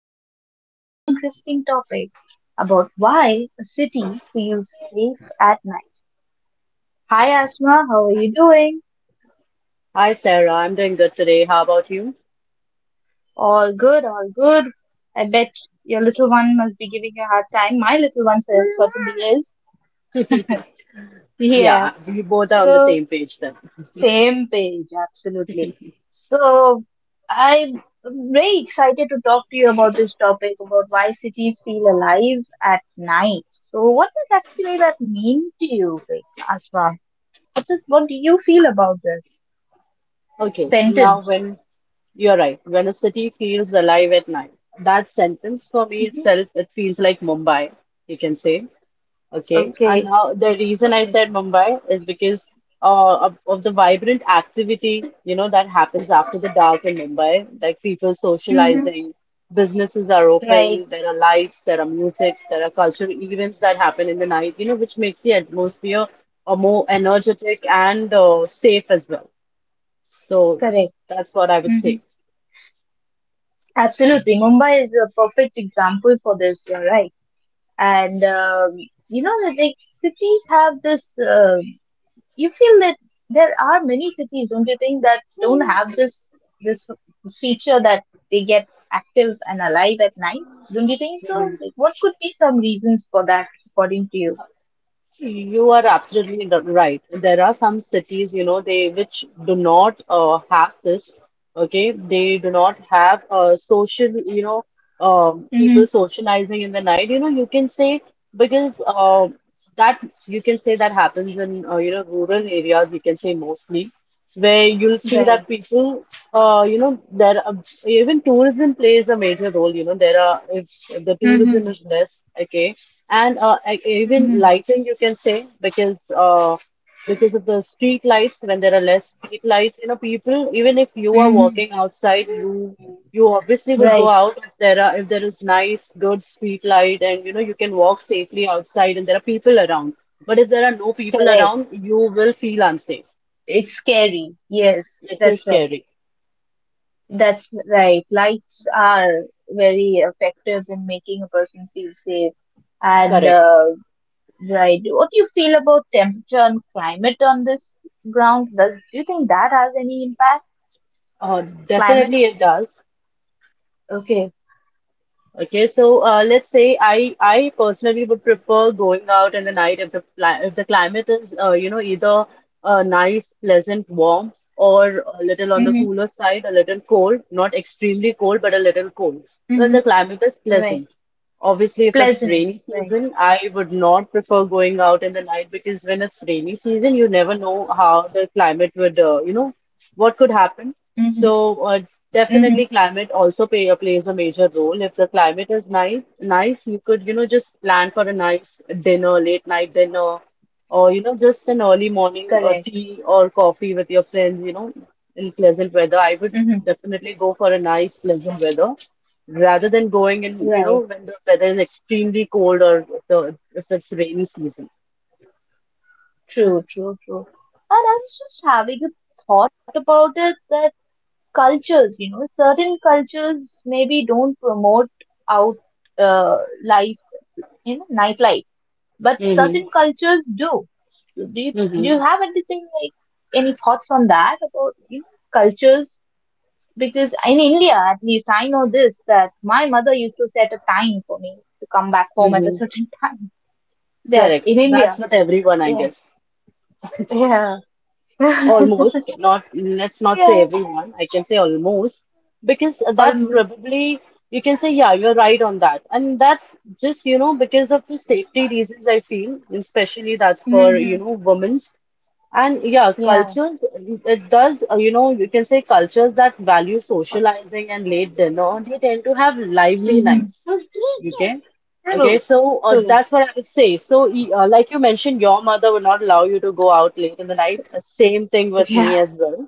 into a very interesting topic about why a city feels safe at night. Hi Asma, how are you doing? Hi, Sarah. I'm doing good today. How about you? All good, all good. I bet your little one must be giving you a hard time. My little one certainly is. Yeah. Yeah, we both are on the So same page then. Same page, absolutely. So I'm very excited to talk to you about this topic about why cities feel alive at night. So what does actually that mean to you, like Asma? What do you feel about this Okay, now sentence? when you're right, when a city feels alive at night, that sentence for me Hmm. itself, it feels like Mumbai, you can say. Okay, and Okay, how the reason I okay. said Mumbai is because of the vibrant activity, you know, that happens after the dark in Mumbai, like people Hmm. socializing, businesses are Right, open, there are lights, there are musics, there are cultural events that happen in the night, you know, which makes the atmosphere more energetic and safe as well. So correct. that's what I would Hmm. say. Absolutely. Mumbai is a perfect example for this, you're right. And you know that like cities have this. You feel that there are many cities, don't you think, that don't, hmm, have this, this feature that they get active and alive at night? Don't you think so? Like, what could be some reasons for that, according to you? You are absolutely right. There are some cities, you know, they which do not have this. Okay, they do not have social, you know, Mm-hmm. people socializing in the night. You know, you can say because that you can say that happens in you know rural areas. We can say mostly where you'll see that Right. people, you know, there are, even tourism plays a major role. You know, there are if the tourism Mm-hmm. is less, okay and even Mm-hmm. lighting you can say because of the street lights when there are less street lights you know people even if you are Mm-hmm. walking outside you obviously would go Right, out if there are if there is nice good street light and you know you can walk safely outside and there are people around but if there are no people correct. around you will feel unsafe. It's scary. Yes, It is that's right. scary. That's right. Lights are very effective in making a person feel safe, and Correct. Right. What do you feel about temperature and climate on this ground? Does Do you think that has any impact? uh, Climate? definitely it does. Okay. Let's say I personally would prefer going out in the night if the if the climate is you know either nice, pleasant, warm, or a little on the Mm-hmm. cooler side, a little cold, not extremely cold, but a little cold. Then Mm-hmm. the climate is Right. pleasant. Obviously, if it's Pleasant. rainy Right. season, I would not prefer going out in the night because when it's rainy season, you never know how the climate would, you know, what could happen. Mm-hmm. So Mm-hmm. definitely, climate also plays a major role. If the climate is nice, nice, you could, you know, just plan for a nice dinner, late night dinner, or you know, just an early morning Correct. tea or coffee with your friends. You know, in pleasant weather, I would Mm-hmm. definitely go for a nice pleasant weather rather than going in, you know, Right. when the weather is extremely cold or if the if it's rainy season. True. True. True. And I was just having a thought about it that cultures, you know, certain cultures maybe don't promote out uh, life, you know, nightlife, but certain Mm-hmm. cultures do. Do you, do Mm-hmm. you have anything like any thoughts on that about, you know, cultures? Because in India, at least, I know this, that my mother used to set a time for me to come back home at a Mm-hmm. certain time. That Correct. in India, That's what everyone, I yeah, guess. yeah, Almost. Not, let's not say yeah, everyone. I can say almost. Because that's almost, probably, you can say, yeah, you're right on that. And that's just, you know, because of the safety reasons, I feel, and especially that's for, you hmm, know, women. And yeah, yeah, cultures, it does, you know, you can say cultures that value socializing and late dinner, they tend to have lively hmm, nights. Okay. Okay. true, So true, that's what I would say. So, like you mentioned, your mother would not allow you to go out late in the night. Same thing with yeah, me as well.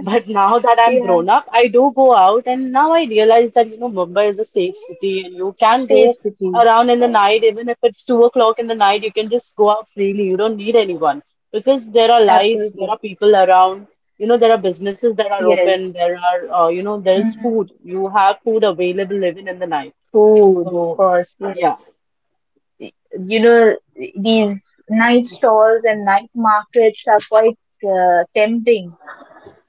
But now that I'm yeah, grown up, I do go out, and now I realize that, you know, Mumbai is a safe city and you can safe go city, around in the night, even if it's 2 o'clock in the night, you can just go out freely. You don't need anyone because there are lights, there absolutely, are people around, you know, there are businesses that are open, yes, there are, you know, there is hmm, food. You have food available even in the night. food, of So, course, yeah, yes. You know, these night stalls and night markets are quite tempting,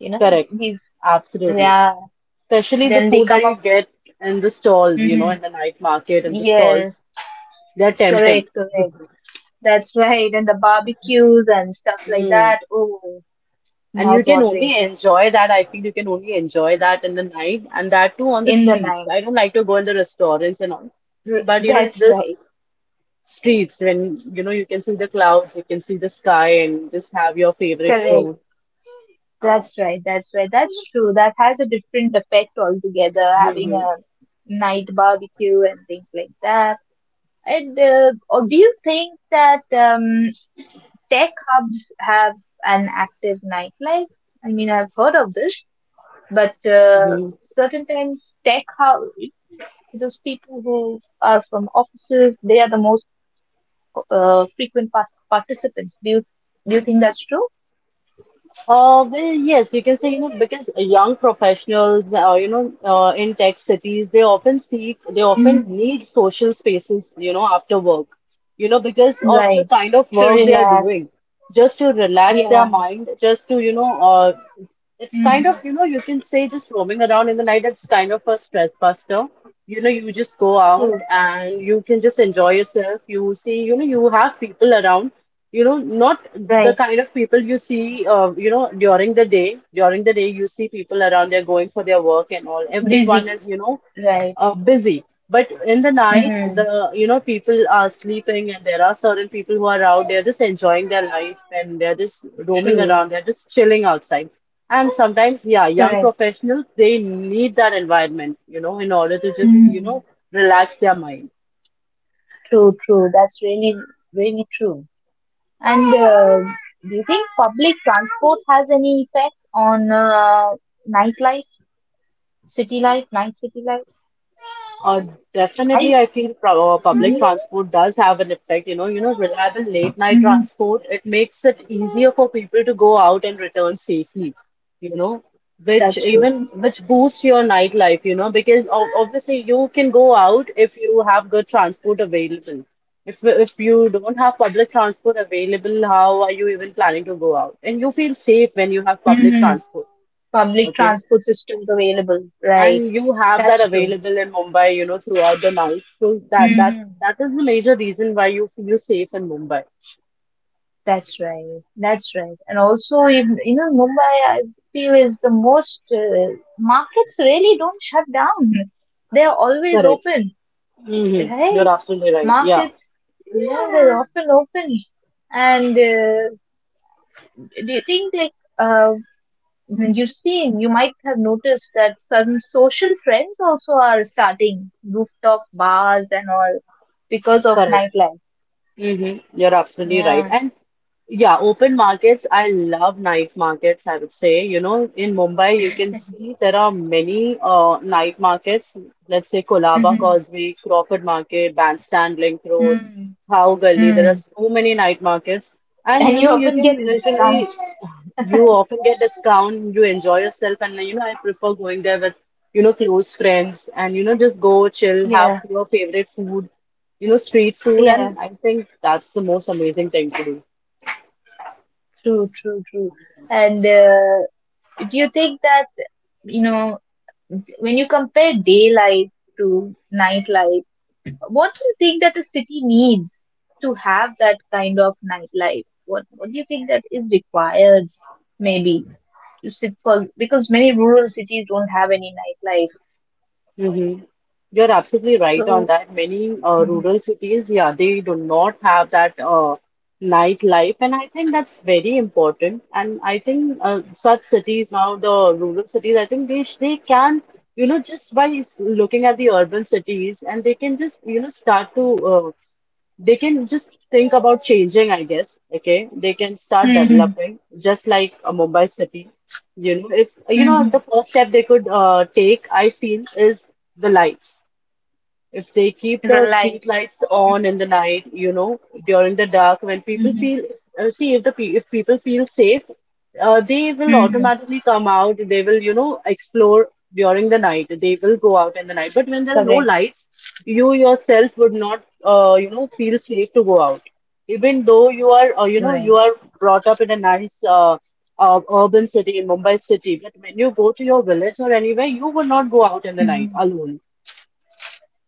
you know correct. these, Absolutely, yeah, especially the then they food come that you up, get in the stalls, you know, hmm, in the night market and the stalls. yes, They're tempting. correct, correct, that's right, and the barbecues and stuff like Mm. that, oh, And mouth you can watering, only enjoy that. I feel you can only enjoy that in the night and that too on the in the streets. night. I don't like to go in the restaurants and all. R- But you know, that's this right, streets when you know you can see the clouds, you can see the sky and just have your favorite correct, food. that's right, that's right, that's true, that has a different effect altogether, having Hmm. a night barbecue and things like that. And Or do you think that tech hubs have an active nightlife? I mean, I've heard of this, but certain times tech hub, those people who are from offices, they are the most frequent participants. Do you think that's true? Well, yes, you can say, you know, because young professionals, in tech cities, they often Mm. need social spaces, you know, after work, you know, because of the Right. kind of To work they are doing, relax. just to relax their Yeah. mind, just to, you know, it's kind Mm. of, you know, you can say just roaming around in the night, it's kind of a stress buster. You know, you just go True. out and you can just enjoy yourself. You see, you know, you have people around, you know, not the Right. kind of people you see, you know, during the day. During the day, you see people around, they're going for their work and all. Busy. Everyone is, you know, Right. Busy. But in the night, Mm. the you know people are sleeping, and there are certain people who are out. They're just enjoying their life, and they're just roaming True. around. They're just chilling outside. And sometimes, yeah, young Correct. professionals they need that environment, you know, in order to just you Mm. know relax their mind. True, true. That's really, really true. And Do you think public transport has any effect on nightlife, city life, night city life? Uh, I. I feel public Hmm. transport does have an effect. You know, reliable late night Hmm. transport, it makes it easier for people to go out and return safely, you know, which That's true. even which boosts your nightlife, you know, because ob obviously you can go out if you have good transport available. If you don't have public transport available, how are you even planning to go out? And you feel safe when you have public Hmm. transport, Public okay? transport systems available. Right. And you have that That's true. available in Mumbai, you know, throughout the night. So that that Hmm. that is the major reason why you feel safe in Mumbai. That's right. That's right. And also, you know, Mumbai, I feel is the most markets really don't shut down. They're always Correct. open, Mm-hmm. You're right? absolutely right. Yeah. Markets, you know, they're often open, and do you think like when you've seen, you might have noticed that some social trends also are starting rooftop bars and all because of Correct. nightlife. Hmm. You're absolutely right. Yeah. And yeah, open markets, I love night markets, I would say. You know, in Mumbai, you can see there are many night markets. Let's say Kolaba Mm-hmm. Causeway, Crawford Market, Bandstand Link Road, Mm-hmm. Thao Gully. There are so many night markets. And And you you know, you often can get a discount, literally, you often get discount, you enjoy yourself. And you know, I prefer going there with, you know, close friends and, you know, just go chill, yeah, have your favorite food, you know, street food, and yeah, I think that's the most amazing thing to do. true, true, true. And Do you think that, you know, when you compare day life to nightlife, what do you think that a city needs to have that kind of nightlife? What do you think that is required? Maybe to sit for, because many rural cities don't have any nightlife. Hmm. You're absolutely right on So, that. Many mm, rural cities, yeah, they do not have that nightlife, and I think that's very important. And I think such cities now, the rural cities, I think they can, you know, just by looking at the urban cities, and they can just, you know, start to uh, they can just think about changing, I guess. Okay, they can start hmm, developing just like a Mumbai city. You know, if you mm, know hmm, the first step they could take, I feel, is the lights. If they keep the street relies. lights on in Mm-hmm. the night, you know, during the dark, when people Mm-hmm. feel, see, if the pe if people feel safe, they will Mm-hmm. automatically come out. They will, you know, explore during the night. They will go out in the night. But when there are no Correct. lights, you yourself would not, you know, feel safe to go out. Even though you are, you Right. are brought up in a nice, urban city in Mumbai city, but when you go to your village or anywhere, you would not go out in the night Mm-hmm. alone.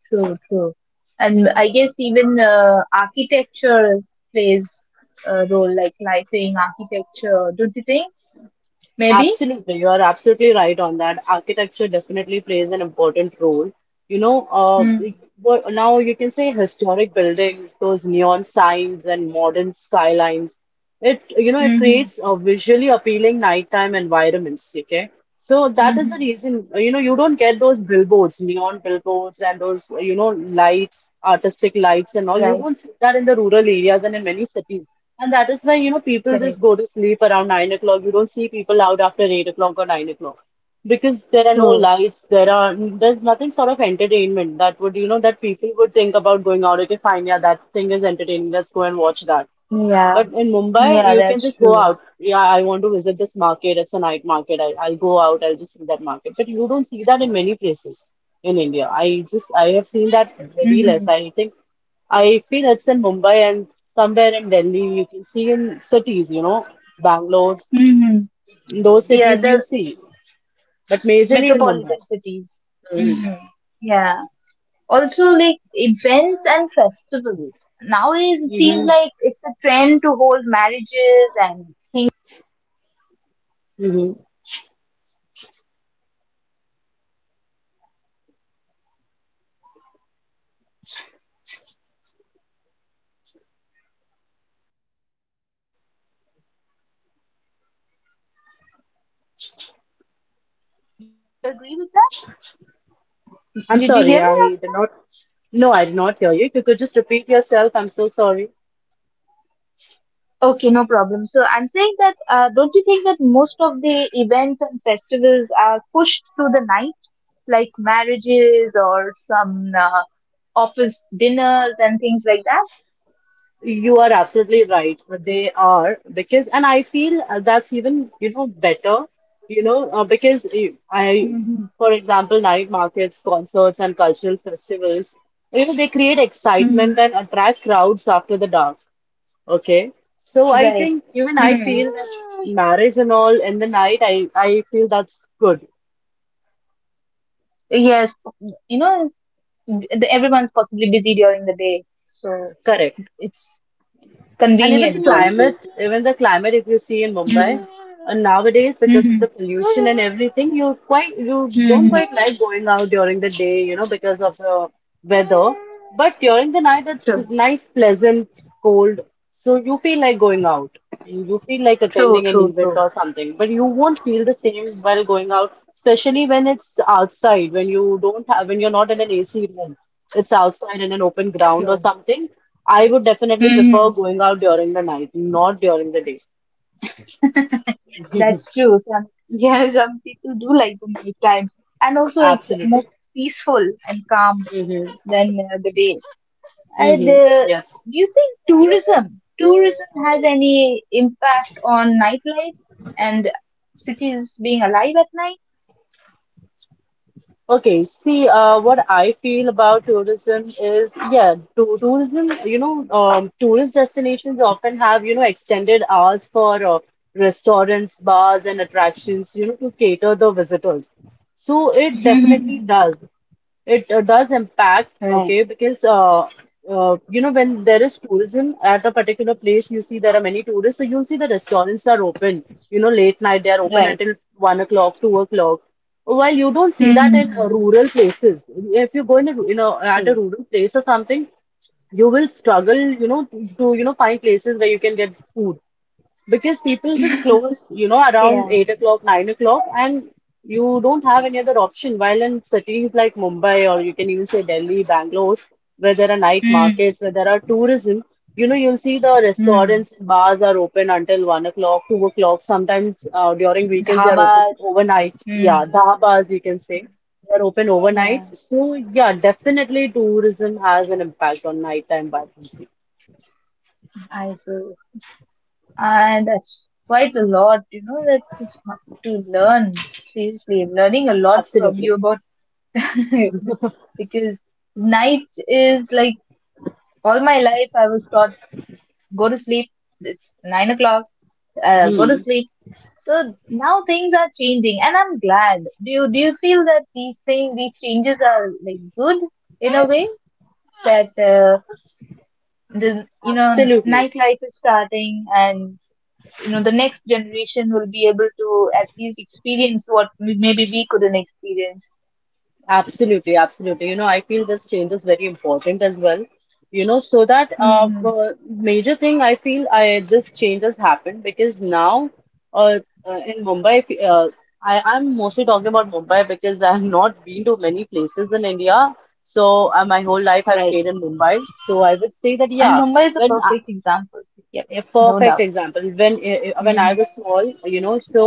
True. True. And I guess even architecture plays a role, like lighting, architecture. Don't you think? Maybe. Absolutely, you are absolutely right on that. Architecture definitely plays an important role. You know, uh, Mm-hmm. Now you can say historic buildings, those neon signs and modern skylines. It, you know, it Mm-hmm. creates a visually appealing nighttime environments, okay? So that is the Mm-hmm. reason, you know, you don't get those billboards, neon billboards, and those, you know, lights, artistic lights, and all. You Right, don't see that in the rural areas and in many cities. And that is why, you know, people correct. just go to sleep around 9 o'clock. You don't see people out after 8 o'clock or 9 o'clock because there are no True. lights. There's nothing sort of entertainment that would, you know, that people would think about going out. Okay, fine, yeah, that thing is entertaining. Let's go and watch that. Yeah, But in Mumbai, yeah, you can that's just go true. out. Yeah, I want to visit this market. It's a night market. I'll go out. I'll just see that market. But you don't see that in many places in India. I have seen that very Mm-hmm. less. I think I feel it's in Mumbai and somewhere in Delhi. You can see in cities, you know, Bangalore, Mm-hmm. in those Yeah, cities you the see, but majorly in Mumbai. metropolitan cities. Hmm. Mm-hmm. Yeah. Also, like events and festivals. Nowadays, it seems Hmm. like it's a trend to hold marriages and things. Hmm. Do you agree with that? I'm Did you sorry. hear me, I did Asma? not. No, I did not hear you. If you could just repeat yourself, I'm so sorry. Okay, no problem. So I'm saying that, don't you think that most of the events and festivals are pushed to the night? Like marriages or some office dinners and things like that. You are absolutely right. They are because, and I feel that's even, better, because Mm-hmm. for example, night markets, concerts, and cultural festivals, they create excitement Mm-hmm. and attract crowds after the dark. Okay. So I Right. think even I Hmm. feel that marriage and all in the night, I feel that's good. Yes, you know, the, everyone's possibly busy during the day, so Correct. it's And convenient also. Even the climate, if you see in Mumbai, Mm-hmm. Nowadays because of Mm-hmm. the pollution and everything, you don't Mm-hmm. quite like going out during the day, because of the weather. But during the night, it's True, nice, pleasant, cold, so you feel like going out and you feel like true, attending an true, event true, or something. But you won't feel the same while going out, especially when it's outside, when you're not in an AC room, it's outside in an open ground or true. something. I would definitely prefer Mhm. going out during the night, not during the day. That's true. Some, yeah, some people do like the nighttime, and also it's Absolutely. more peaceful and calm Mm-hmm. than the day. And Mm-hmm. Yes. Do you think tourism has any impact on nightlife and cities being alive at night? Okay. See, what I feel about tourism is, yeah, tourist destinations often have, extended hours for restaurants, bars, and attractions, to cater the visitors. So it definitely Mhm. does. It does impact. Right, Okay, because you know, when there is tourism at a particular place, you see there are many tourists, so you'll see the restaurants are open. You know, late night they are open right. until 1 o'clock, 2 o'clock. While you don't see that in Hmm. Rural places. If you go in a, ru- in a at a True. rural place or something, you will struggle, to find places where you can get food because people just close, around Yeah, 8 o'clock, 9 o'clock, and you don't have any other option. While in cities like Mumbai, or you can even say Delhi, Bangalore, where there are night hmm, markets, where there are tourism, you'll see the hmm, restaurants, bars are open until 1 o'clock, 2 o'clock. Sometimes during weekends, they are open dhabas, overnight. Yeah, hmm, dhabas, you can say. They're open overnight. yeah. So, yeah, definitely tourism has an impact on nighttime vibrancy. I agree. And that's quite a lot, you know, to learn. Seriously, I'm learning a lot from Absolutely. you about because night is like, all my life, I was taught, go to sleep. It's 9 o'clock. Go to Hmm. sleep. So now things are changing, and I'm glad. Do you feel that these things, these changes are like good in a way that the, you know, Absolutely. nightlife is starting, and you know the next generation will be able to at least experience what maybe we couldn't experience. Absolutely, absolutely. You know, I feel this change is very important as well. You know, so that Hmm. Major thing I feel I this change has happened because now uh, in Mumbai, I'm mostly talking about Mumbai because I have not been to many places in India. So my whole life I've Right, stayed in Mumbai. So I would say that and yeah, Mumbai is a when perfect example. Yep, a no perfect doubt. example, when when I Hmm. was small,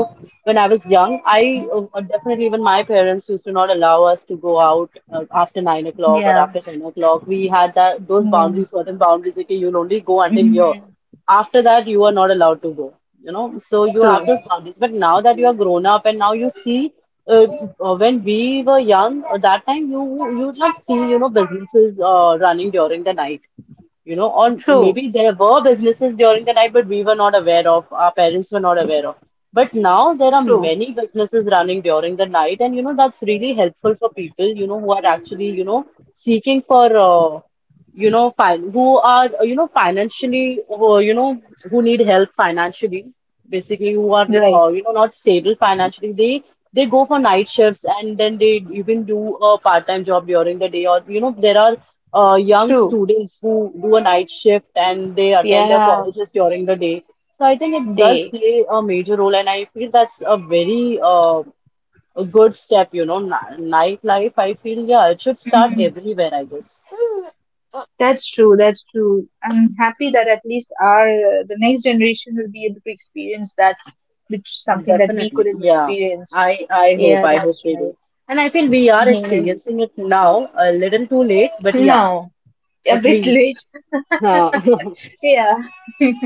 when I was young, I definitely even my parents used to not allow us to go out after 9 o'clock or Yeah. after 10 o'clock. We had that those Yeah. boundaries, certain boundaries. Okay, you'll only go until here, Hmm. after that you are not allowed to go, so you have True, those boundaries. But now that you are grown up and now you see, uh, when we were young, that time, you did not see, businesses running during the night, or true, maybe there were businesses during the night, but we were not aware of, our parents were not aware of. But now there are true. many businesses running during the night, and that's really helpful for people, who are actually, seeking for fine, who are, financially, who need help financially, basically, who are, Right, not stable financially. They go for night shifts and then they even do a part-time job during the day. Or, there are young true. students who do a night shift and they attend their Yeah, colleges during the day. So I think it does day. play a major role, and I feel that's a very a good step, nightlife. I feel, yeah, it should start Hmm. everywhere, I guess. That's true, that's true. I'm happy that at least our the next generation will be able to experience that, which is something that we Definitely. couldn't Yeah. experience. I I hope Yeah, I hope that's they right. do. And I feel we are Yes. experiencing it now, a little too late, but yeah, Now, a at bit least. late. Uh, Yeah.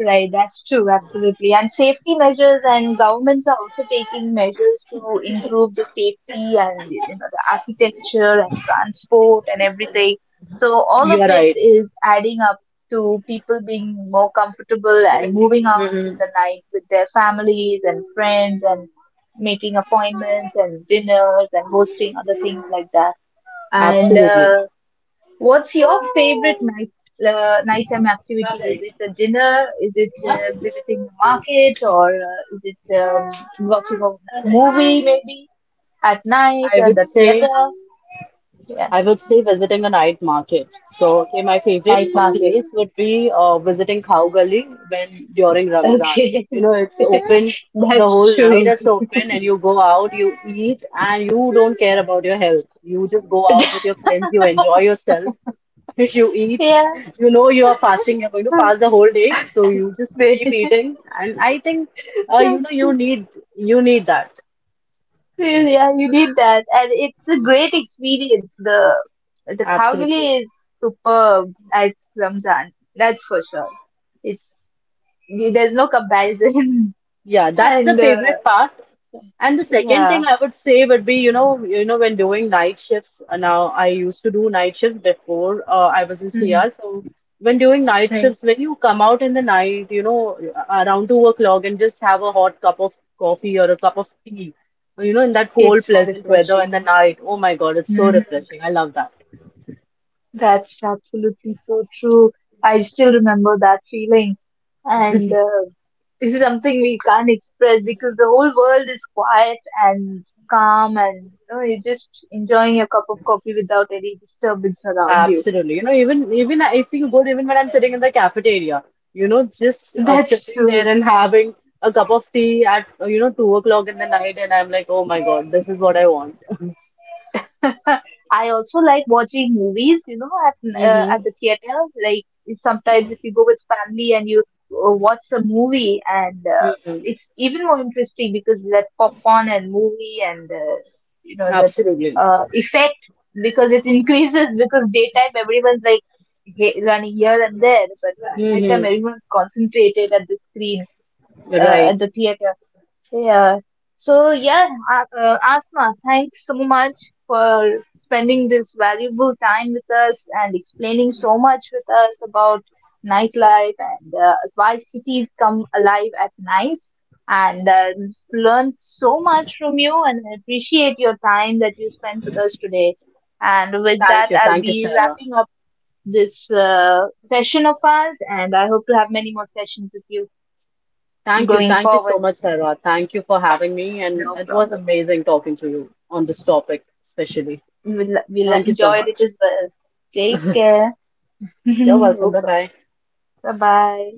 Right, that's true, absolutely. And safety measures and governments are also taking measures to improve the safety, and you know the architecture and transport and everything. So all of you're it right. is adding up to people being more comfortable and moving out in Hmm. the night with their families and friends, and making appointments and dinners and hosting other things like that. And Absolutely. What's your favorite night nighttime activity? Is it a dinner? Is it visiting the market, or is it watching a movie maybe at night I at would the say. theater? Yeah, I would say visiting a night market. So, okay, my favorite night market. place would be visiting Khao Gali when during Ramzan. Okay, You know, it's open the that's whole night, true. it's open, and you go out, you eat, and you don't care about your health. You just go out Yeah, with your friends, you enjoy yourself. If you eat, you know you are fasting, you're going to fast the whole day, so you just keep eating. And I think, uh, you know, that's you need you need that. true. Yeah, you need that, and it's a great experience. The Absolutely. Kalgoorlie is superb at Ramzan. That's for sure. It's, there's no comparison. Yeah, that's the and favorite part. And the second Yeah, thing I would say would be, when doing night shifts. Now, I used to do night shifts before I was in hmm, CR. So when doing night right. shifts, when you come out in the night, around 2 o'clock and just have a hot cup of coffee or a cup of tea, in that It's cold, so pleasant weather in the refreshing, night. Oh my God, it's so hmm, refreshing. I love that. that's absolutely so true. I still remember that feeling, and this is something we can't express because the whole world is quiet and calm, and you know you're just enjoying your cup of coffee without any disturbance around you. Absolutely. Even if you go, even when I'm sitting in the cafeteria, just That's sitting there true. and having a cup of tea at 2 o'clock in the night, and I'm like, oh my God, this is what I want. I also like watching movies, you know, Mm-hmm. at the theater. Like sometimes if you go with family and you watch a movie, and it's even more interesting because that popcorn and movie and you know that Absolutely. Effect, because it increases, because daytime everyone's like running here and there, but nighttime Mm-hmm. everyone's concentrated at the screen Right. at the theater. Yeah. So yeah, Asma, thanks so much for spending this valuable time with us and explaining so much with us about nightlife and why cities come alive at night. And Learned so much from you, and I appreciate your time that you spent with us today. And with that, Thank you. I'll Thank you, be Sarah. wrapping up this session of ours, and I hope to have many more sessions with you Thank you. going Thank you forward. so much, Sarah. Thank you for having me, and No it was problem. amazing talking to you on this topic, especially. We'll Thank you so enjoyed it much. as well. Take care. You're welcome. No Bye problem. bye. Bye bye.